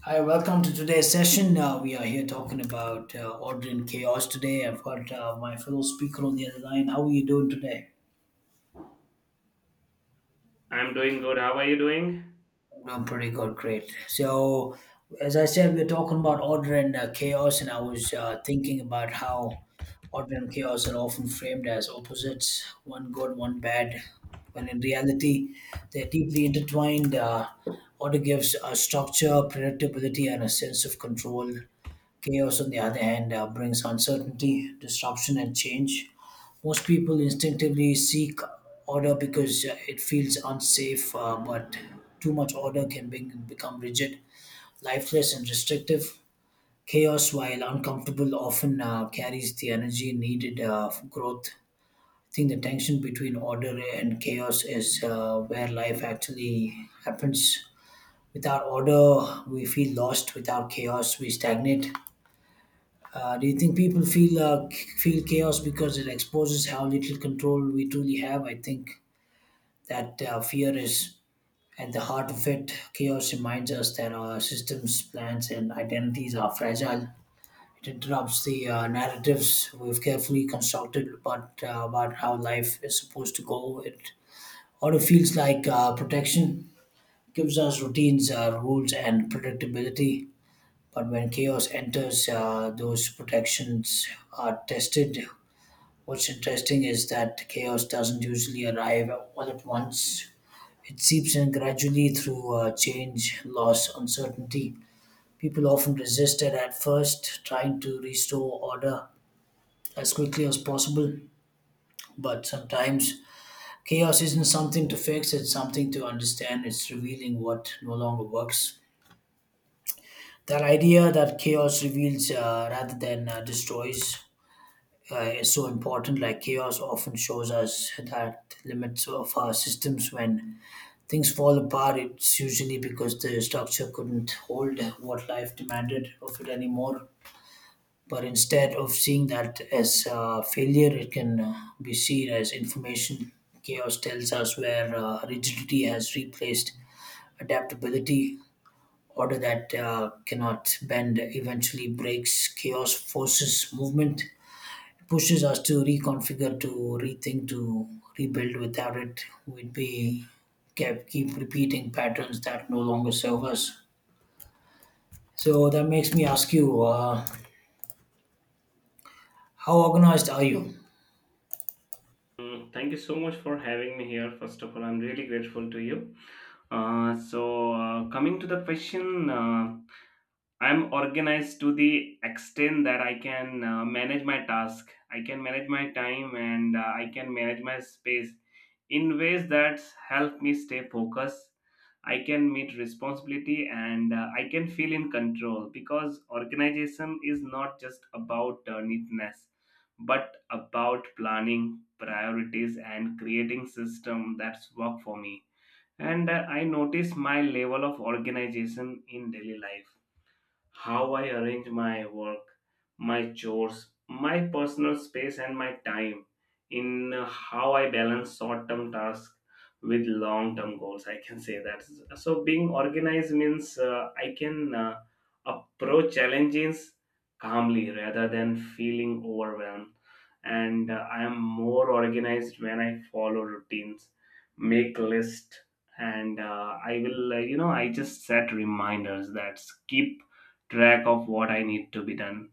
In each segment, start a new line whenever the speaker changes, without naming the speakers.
Hi, welcome to today's session. We are here talking about order and chaos today. I've got my fellow speaker on the other line. How are you doing today?
I'm doing good. How are you doing?
I'm pretty good, great. So, as I said, we're talking about order and chaos, and I was thinking about how order and chaos are often framed as opposites, one good, one bad, when in reality, they're deeply intertwined. Order gives a structure, predictability, and a sense of control. Chaos, on the other hand, brings uncertainty, disruption, and change. Most people instinctively seek order because it feels unsafe, but too much order can become rigid, lifeless, and restrictive. Chaos, while uncomfortable, often carries the energy needed for growth. I think the tension between order and chaos is where life actually happens. Without order, we feel lost. Without chaos, we stagnate. Do you think people feel feel chaos because it exposes how little control we truly have? I think that fear is at the heart of it. Chaos reminds us that our systems, plans, and identities are fragile. It interrupts the narratives we've carefully constructed about how life is supposed to go. It auto feels like protection, gives us routines, rules, and predictability. But when chaos enters, those protections are tested. What's interesting is that chaos doesn't usually arrive all at once. It seeps in gradually through change, loss, uncertainty. People often resist it at first, trying to restore order as quickly as possible. But sometimes chaos isn't something to fix, it's something to understand. It's revealing what no longer works. That idea that chaos reveals rather than destroys is so important. Like chaos often shows us that limits of our systems. When things fall apart, it's usually because the structure couldn't hold what life demanded of it anymore. But instead of seeing that as failure, it can be seen as information. Chaos tells us where rigidity has replaced adaptability. Order that cannot bend eventually breaks. Chaos forces movement, pushes us to reconfigure, to rethink, to rebuild. Without it, we'd be kept keep repeating patterns that no longer serve us. So that makes me ask you, how organized are you?
Mm, thank you so much for having me here. First of all, I'm really grateful to you. Coming to the question. I'm organized to the extent that I can manage my task, I can manage my time, and I can manage my space in ways that help me stay focused. I can meet responsibility and I can feel in control because organization is not just about neatness but about planning, priorities, and creating system that's work for me. And I notice my level of organization in daily life, how I arrange my work, my chores, my personal space, and my time, in how I balance short term tasks with long term goals. I can say that. So, being organized means I can approach challenges calmly rather than feeling overwhelmed. And I am more organized when I follow routines, make lists, and I will, you know, I just set reminders that keep track of what I need to be done.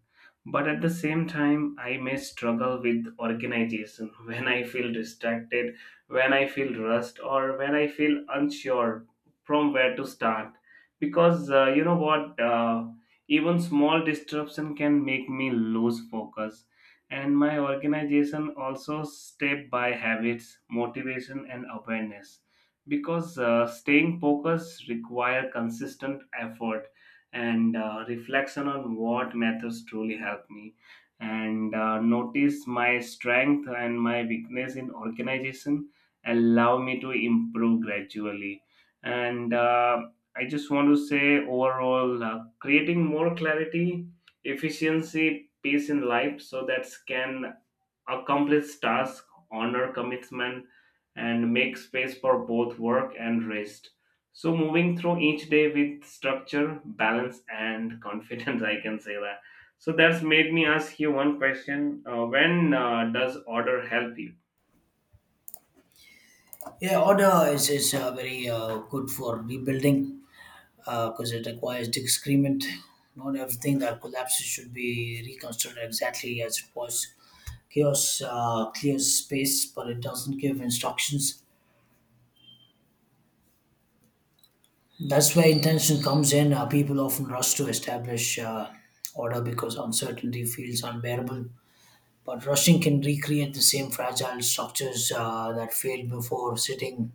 But at the same time, I may struggle with organization when I feel distracted, when I feel rushed, or when I feel unsure from where to start. Because you know what, even small disruption can make me lose focus. And my organization also step by habits, motivation, and awareness. Because staying focused require consistent effort and reflection on what methods truly help me, and notice my strength and my weakness in organization allow me to improve gradually, and I just want to say overall, creating more clarity, efficiency, peace in life so that can accomplish tasks, honor commitment, and make space for both work and rest. So, moving through each day with structure, balance, and confidence, I can say that. So, that's made me ask you one question: When does order help you?
Yeah, order is very good for rebuilding because it requires disagreement. Not everything that collapses should be reconstructed exactly as it was. Chaos clears space, but it doesn't give instructions. That's where intention comes in. People often rush to establish order because uncertainty feels unbearable. But rushing can recreate the same fragile structures that failed before. Sitting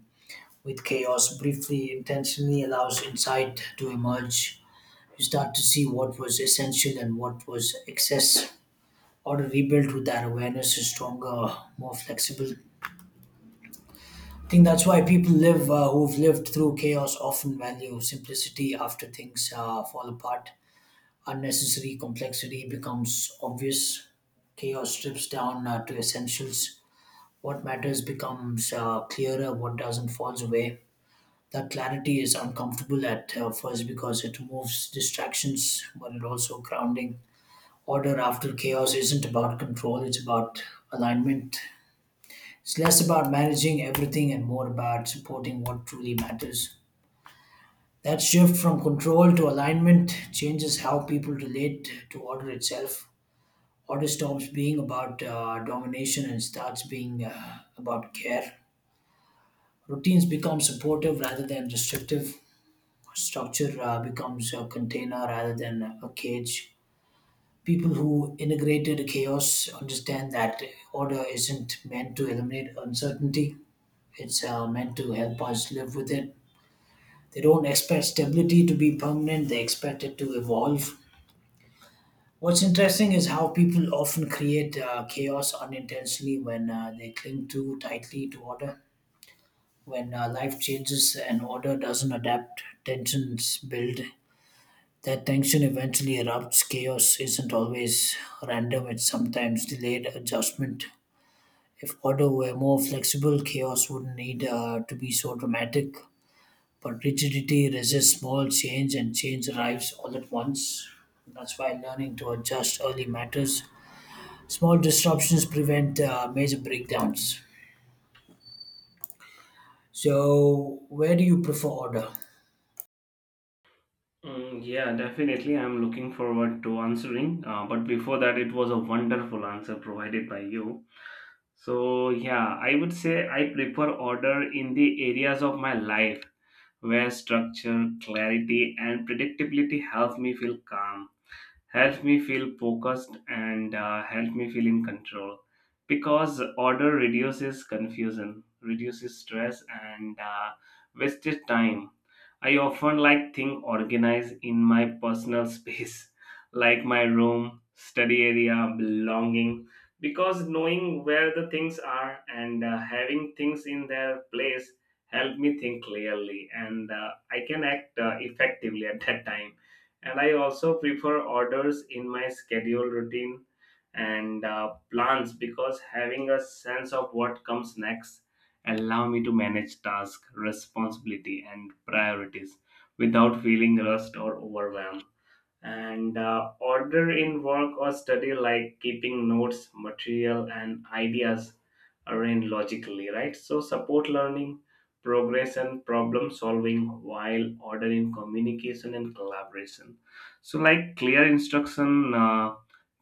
with chaos briefly, intentionally, allows insight to emerge. You start to see what was essential and what was excess. Order rebuilt with that awareness is stronger, more flexible. I think that's why people live who've lived through chaos often value simplicity after things fall apart. Unnecessary complexity becomes obvious. Chaos strips down to essentials. What matters becomes clearer, what doesn't falls away. That clarity is uncomfortable at first because it removes distractions, but it also grounding. Order after chaos isn't about control, it's about alignment. It's less about managing everything and more about supporting what truly matters. That shift from control to alignment changes how people relate to order itself. Order stops being about domination and starts being about care. Routines become supportive rather than restrictive. Structure becomes a container rather than a cage. People who integrated chaos understand that order isn't meant to eliminate uncertainty, it's meant to help us live with it. They don't expect stability to be permanent, they expect it to evolve. What's interesting is how people often create chaos unintentionally when they cling too tightly to order. When life changes and order doesn't adapt, tensions build. That tension eventually erupts. Chaos isn't always random, it's sometimes delayed adjustment. If order were more flexible, chaos wouldn't need to be so dramatic. But rigidity resists small change, and change arrives all at once. That's why learning to adjust early matters. Small disruptions prevent major breakdowns. So, where do you prefer order?
Mm, yeah, definitely. I'm looking forward to answering. But before that, it was a wonderful answer provided by you. So, yeah, I would say I prefer order in the areas of my life where structure, clarity, and predictability help me feel calm, help me feel focused, and help me feel in control because order reduces confusion, reduces stress, and wasted time. I often like thing organized in my personal space like my room, study area, belonging, because knowing where the things are and having things in their place help me think clearly, and I can act effectively at that time. And I also prefer orders in my schedule, routine, and plans because having a sense of what comes next allow me to manage task, responsibility, and priorities without feeling rushed or overwhelmed. And order in work or study, like keeping notes, material, and ideas arranged logically, right, so support learning, progress, and problem solving, while order in communication and collaboration, so like clear instruction,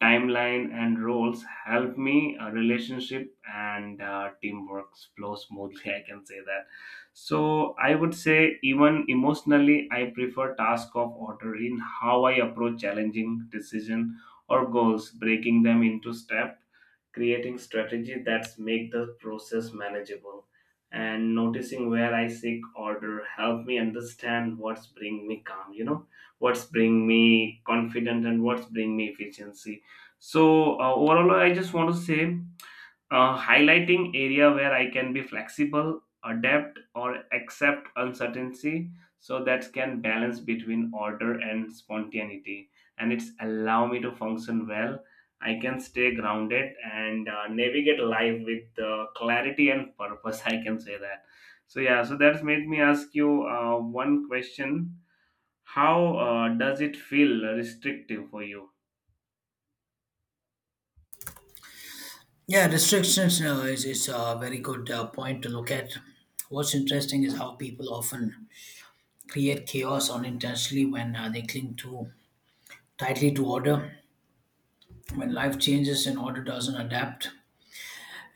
timeline, and roles help me relationship and teamwork flow smoothly. I can say that. So I would say even emotionally, I prefer task of order in how I approach challenging decision or goals, breaking them into step, creating strategy that's make the process manageable, and noticing where I seek order help me understand what's bring me calm, you know, what's bring me confident, and what's bring me efficiency. So overall, I just want to say, highlighting area where I can be flexible, adapt, or accept uncertainty, so that can balance between order and spontaneity, and it's allow me to function well. I can stay grounded and navigate life with clarity and purpose. I can say that. So yeah, so that's made me ask you one question: How does it feel restrictive for you?
Yeah, restrictions is a very good point to look at. What's interesting is how people often create chaos unintentionally when they cling too tightly to order. When life changes and order doesn't adapt.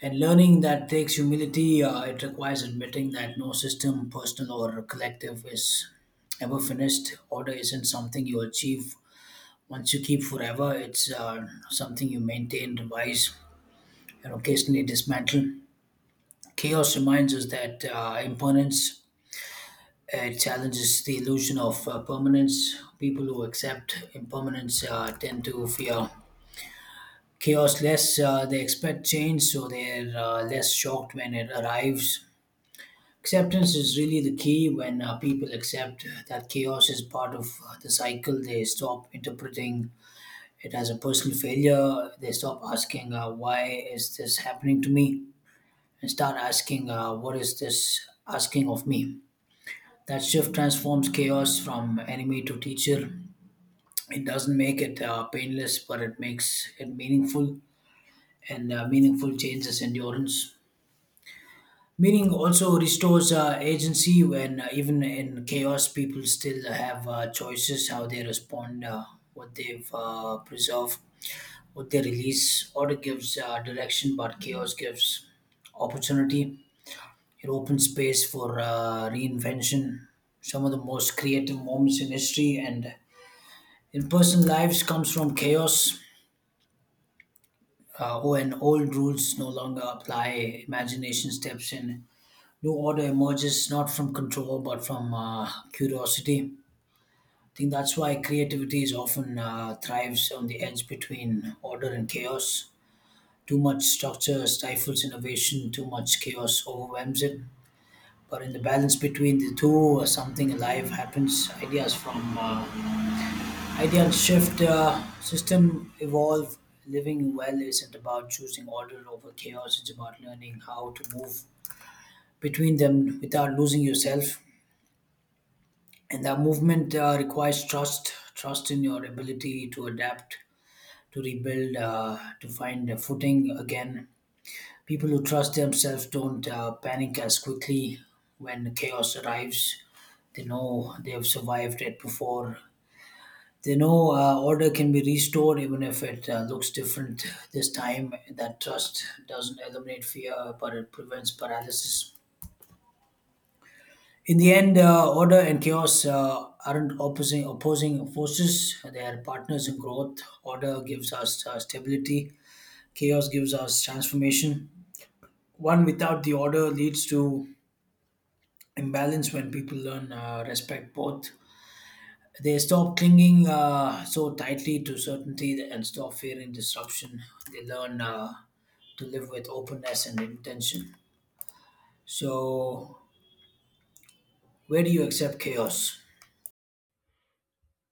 And learning that takes humility, it requires admitting that no system, personal or collective, is ever finished. Order isn't something you achieve once you keep forever. It's something you maintain, revise, and occasionally dismantle. Chaos reminds us that impermanence challenges the illusion of permanence. People who accept impermanence tend to fear chaos less. They expect change, so they're less shocked when it arrives. Acceptance is really the key when people accept that chaos is part of the cycle. They stop interpreting it has a personal failure. They stop asking, why is this happening to me? And start asking, what is this asking of me? That shift transforms chaos from enemy to teacher. It doesn't make it painless, but it makes it meaningful, and meaningful changes endurance. Meaning also restores agency when even in chaos, people still have choices how they respond, what they've preserved, what they release. Order gives direction, but chaos gives opportunity. It opens space for reinvention. Some of the most creative moments in history and in personal lives comes from chaos. When old rules no longer apply, imagination steps in, new order emerges not from control but from curiosity. I think that's why creativity is often thrives on the edge between order and chaos. Too much structure stifles innovation, too much chaos overwhelms it. But in the balance between the two, something alive happens. Ideas shift, system evolve. Living well isn't about choosing order over chaos, it's about learning how to move between them without losing yourself. And the movement requires trust, trust in your ability to adapt, to rebuild, to find a footing again. People who trust themselves don't panic as quickly when chaos arrives. They know they have survived it before. They know order can be restored even if it looks different this time. That trust doesn't eliminate fear but it prevents paralysis. In the end, order and chaos aren't opposing forces. They are partners in growth. Order gives us stability. Chaos gives us transformation. One without the order leads to imbalance. When people learn respect both, they stop clinging so tightly to certainty and stop fearing disruption. They learn to live with openness and intention. So, where do you accept chaos?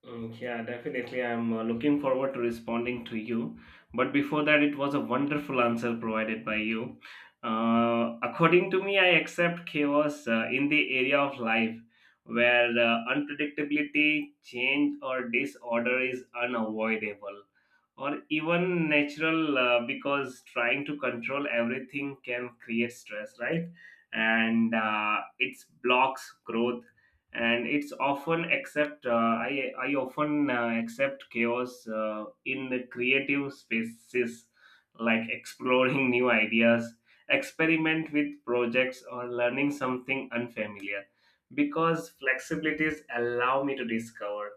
Mm, yeah, definitely. I'm looking forward to responding to you. But before that, it was a wonderful answer provided by you. According to me, I accept chaos in the area of life where unpredictability, change, or disorder is unavoidable or even natural, because trying to control everything can create stress, right? And it blocks growth, and it's often accept I often accept chaos in the creative spaces, like exploring new ideas, experiment with projects, or learning something unfamiliar, because flexibilities allow me to discover.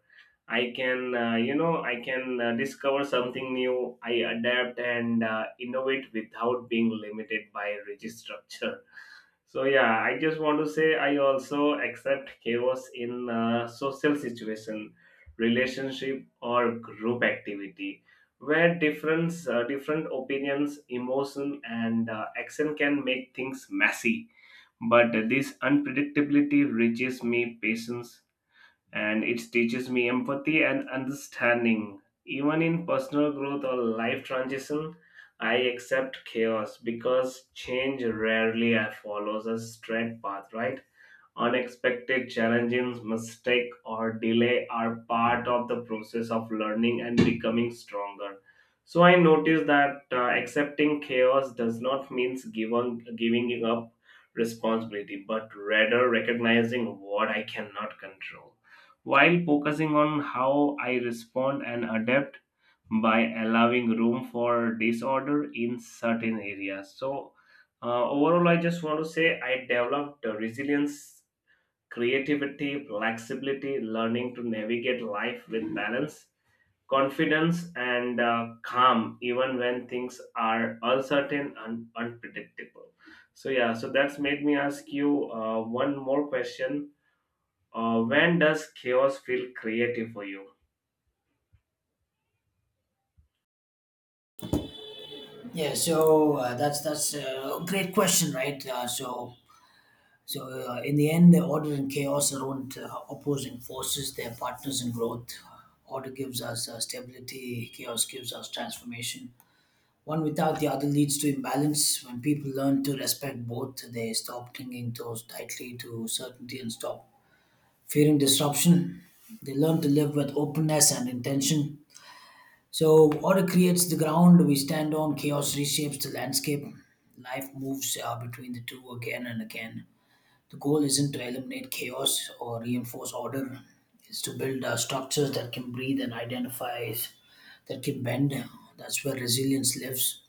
I can you know, I can discover something new. I adapt and innovate without being limited by rigid structure. So yeah, I just want to say I also accept chaos in social situation, relationship, or group activity, where different opinions, emotion, and action can make things messy. But this unpredictability reaches me patience, and it teaches me empathy and understanding. Even in personal growth or life transition, I accept chaos because change rarely follows a straight path, right? Unexpected challenges, mistake, or delay are part of the process of learning and becoming stronger. So I noticed that accepting chaos does not mean giving up responsibility, but rather recognizing what I cannot control, while focusing on how I respond and adapt by allowing room for disorder in certain areas. So overall, I just want to say I developed resilience, creativity, flexibility, learning to navigate life with balance, confidence, and calm, even when things are uncertain and unpredictable. So, yeah, so that's made me ask you one more question. When does chaos feel creative for you?
Yeah, so that's a great question, right? So in the end, order and chaos are not opposing forces; they're partners in growth. Order gives us stability; chaos gives us transformation. One without the other leads to imbalance. When people learn to respect both, they stop clinging to tightly to certainty and stop fearing disruption. They learn to live with openness and intention. So, order creates the ground we stand on, chaos reshapes the landscape, life moves between the two again and again. The goal isn't to eliminate chaos or reinforce order, it's to build structures that can breathe and identify, that can bend. That's where resilience lives.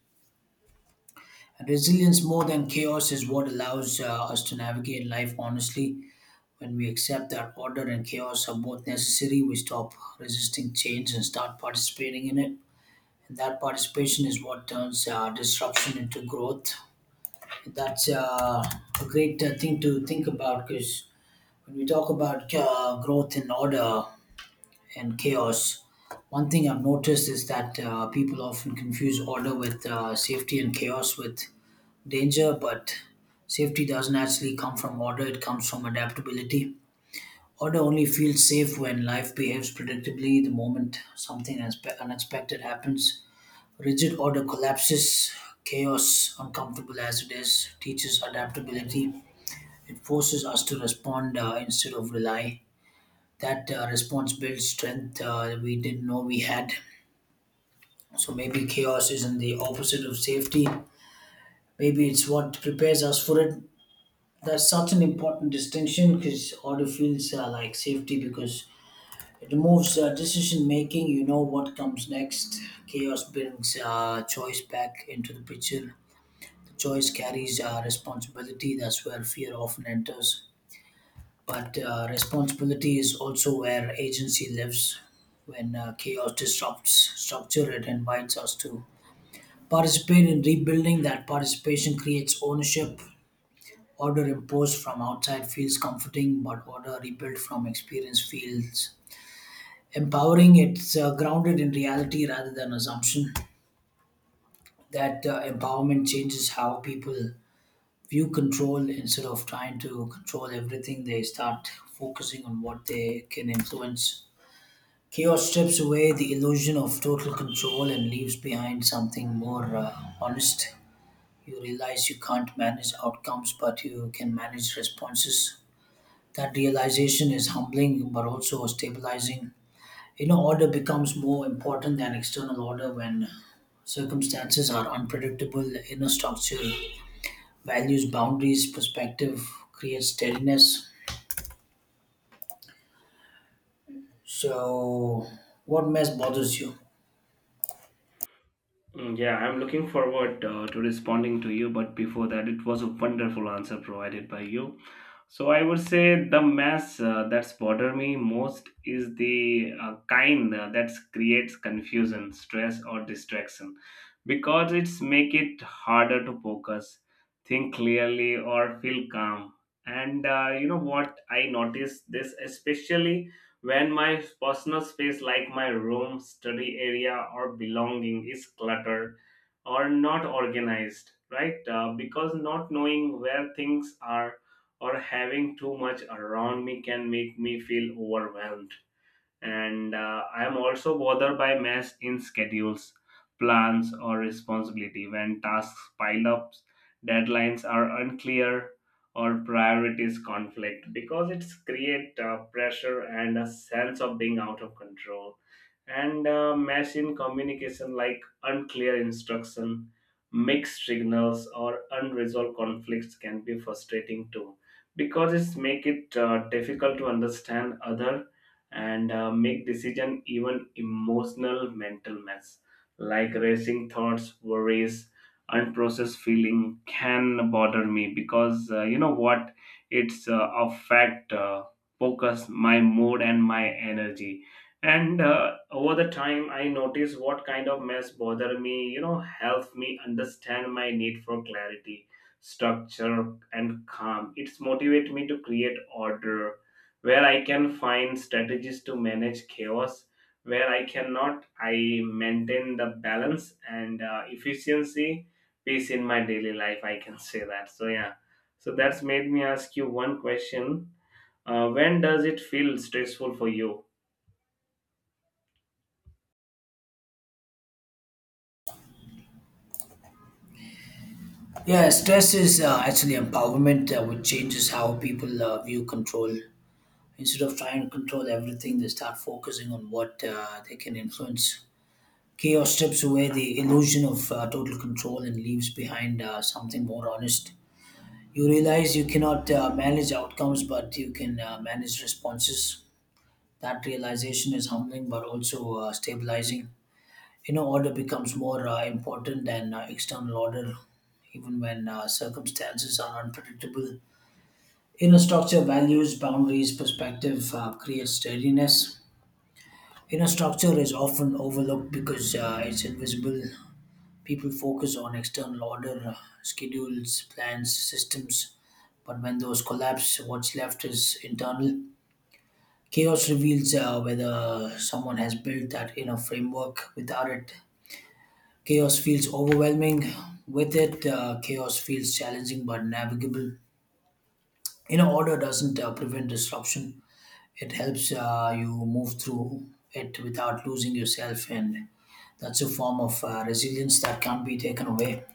And resilience, more than chaos, is what allows us to navigate life honestly. When we accept that order and chaos are both necessary, we stop resisting change and start participating in it, and that participation is what turns disruption into growth. That's a great thing to think about because when we talk about growth in order and chaos, one thing I've noticed is that people often confuse order with safety and chaos with danger, but safety doesn't actually come from order, it comes from adaptability. Order only feels safe when life behaves predictably. The moment something unexpected happens, rigid order collapses. Chaos, uncomfortable as it is, teaches adaptability. It forces us to respond instead of rely. That response builds strength we didn't know we had. So maybe chaos isn't the opposite of safety. Maybe it's what prepares us for it. That's such an important distinction because order feels like safety because it removes decision making. You know what comes next. Chaos brings choice back into the picture. Choice carries responsibility. That's where fear often enters. But responsibility is also where agency lives. When chaos disrupts structure, it invites us to participate in rebuilding. That participation creates ownership. Order imposed from outside feels comforting, but order rebuilt from experience feels empowering. It's grounded in reality rather than assumption. That empowerment changes how people view control. Instead of trying to control everything, they start focusing on what they can influence. Chaos strips away the illusion of total control and leaves behind something more honest. You realize you can't manage outcomes but you can manage responses. That realization is humbling but also stabilizing. You know, order becomes more important than external order when circumstances are unpredictable. Inner structure, values, boundaries, perspective, creates steadiness. So, what mess bothers you?
Mm, yeah, I'm looking forward to responding to you, but before that, it was a wonderful answer provided by you. So I would say the mess that's bother me most is the kind that creates confusion, stress, or distraction, because it's make it harder to focus, think clearly, or feel calm. And you know what? I noticed this especially when my personal space, like my room, study area, or belonging, is cluttered or not organized, right? Because not knowing where things are or having too much around me can make me feel overwhelmed. And I am also bothered by mess in schedules, plans, or responsibility when tasks pile up, deadlines are unclear, or priorities conflict because it's create pressure and a sense of being out of control. And mess in communication, like unclear instruction, mixed signals, or unresolved conflicts can be frustrating too, because it's make it difficult to understand other and make decision. Even emotional mental mess, like racing thoughts, worries, unprocessed feeling can bother me because you know what, it's affect focus, my mood, and my energy. And over the time, I notice what kind of mess bother me, you know, help me understand my need for clarity, structure, and calm. It's motivate me to create order where I can find strategies to manage chaos. Where I cannot, I maintain the balance and efficiency, peace in my daily life. I can say that. So, yeah. So, that's made me ask you one question. When does it feel stressful for you?
Yeah, stress is actually empowerment, which changes how people view control. Instead of trying to control everything, they start focusing on what they can influence. Chaos strips away the illusion of total control and leaves behind something more honest. You realize you cannot manage outcomes, but you can manage responses. That realization is humbling but also stabilizing. Inner order becomes more important than external order, even when circumstances are unpredictable. Inner structure, values, boundaries, perspective, creates steadiness. Inner structure is often overlooked because it's invisible. People focus on external order, schedules, plans, systems, but when those collapse, what's left is internal. Chaos reveals whether someone has built that inner framework. Without it, chaos feels overwhelming. With it, chaos feels challenging but navigable. You know, order doesn't prevent disruption. It helps you move through it without losing yourself, and that's a form of resilience that can't be taken away.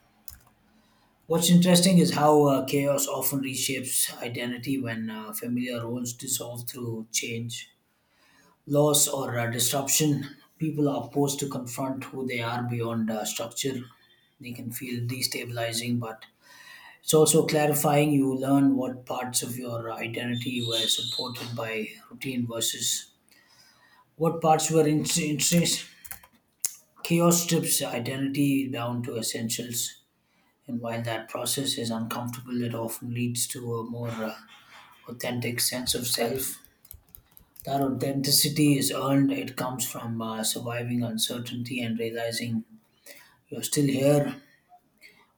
What's interesting is how chaos often reshapes identity when familiar roles dissolve through change, loss, or disruption. People are forced to confront who they are beyond structure. They can feel destabilizing, but it's also clarifying. You learn what parts of your identity were supported by routine versus what parts were intrinsic. Chaos strips identity down to essentials, and while that process is uncomfortable, it often leads to a more authentic sense of self. That authenticity is earned, it comes from surviving uncertainty and realizing you're still here.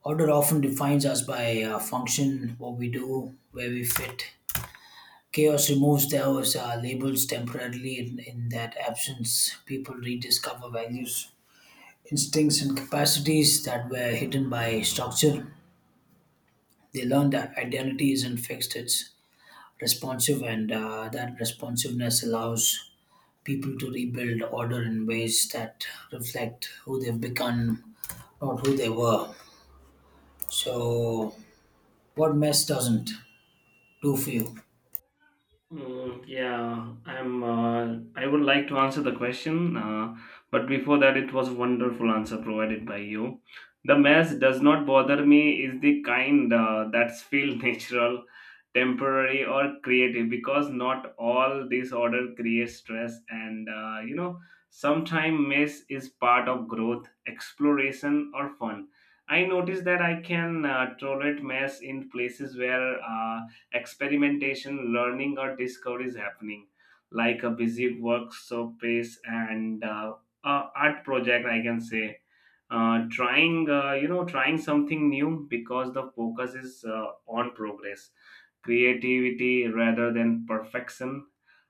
Order often defines us by function, what we do, where we fit. Chaos removes those labels temporarily. In that absence, people rediscover values, instincts, and capacities that were hidden by structure. They learn that identity isn't fixed, it's responsive, and that responsiveness allows people to rebuild order in ways that reflect who they've become, not who they were. So, what mess doesn't do for you?
Mm, yeah, I'm. Uh, I would like to answer the question, but before that, it was wonderful answer provided by you. The mess does not bother me is the kind that's feel natural, temporary, or creative because not all disorder creates stress, and you know, sometimes mess is part of growth, exploration, or fun. I noticed that I can tolerate mess in places where. Experimentation, learning, or discovery is happening, like a busy work space and art project, I can say. Trying, you know, trying something new because the focus is on progress, creativity rather than perfection.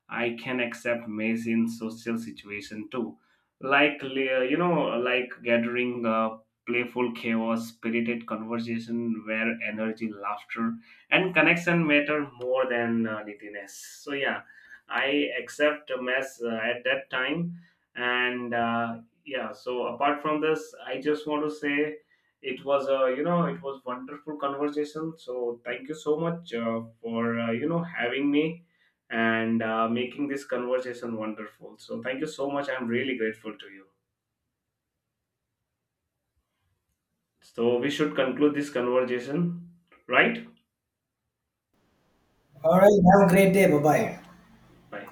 I can accept mess in social situation too, like you know, like gathering, playful chaos, spirited conversation where energy, laughter, and connection matter more than neatness. So yeah, I accept a mess at that time, and yeah. So apart from this, I just want to say it was a, you know, it was wonderful conversation. So thank you so much for you know having me, and making this conversation wonderful. So thank you so much. I'm really grateful to you. So we should conclude this conversation, right?
All right, have a great day. Bye bye.
Bye.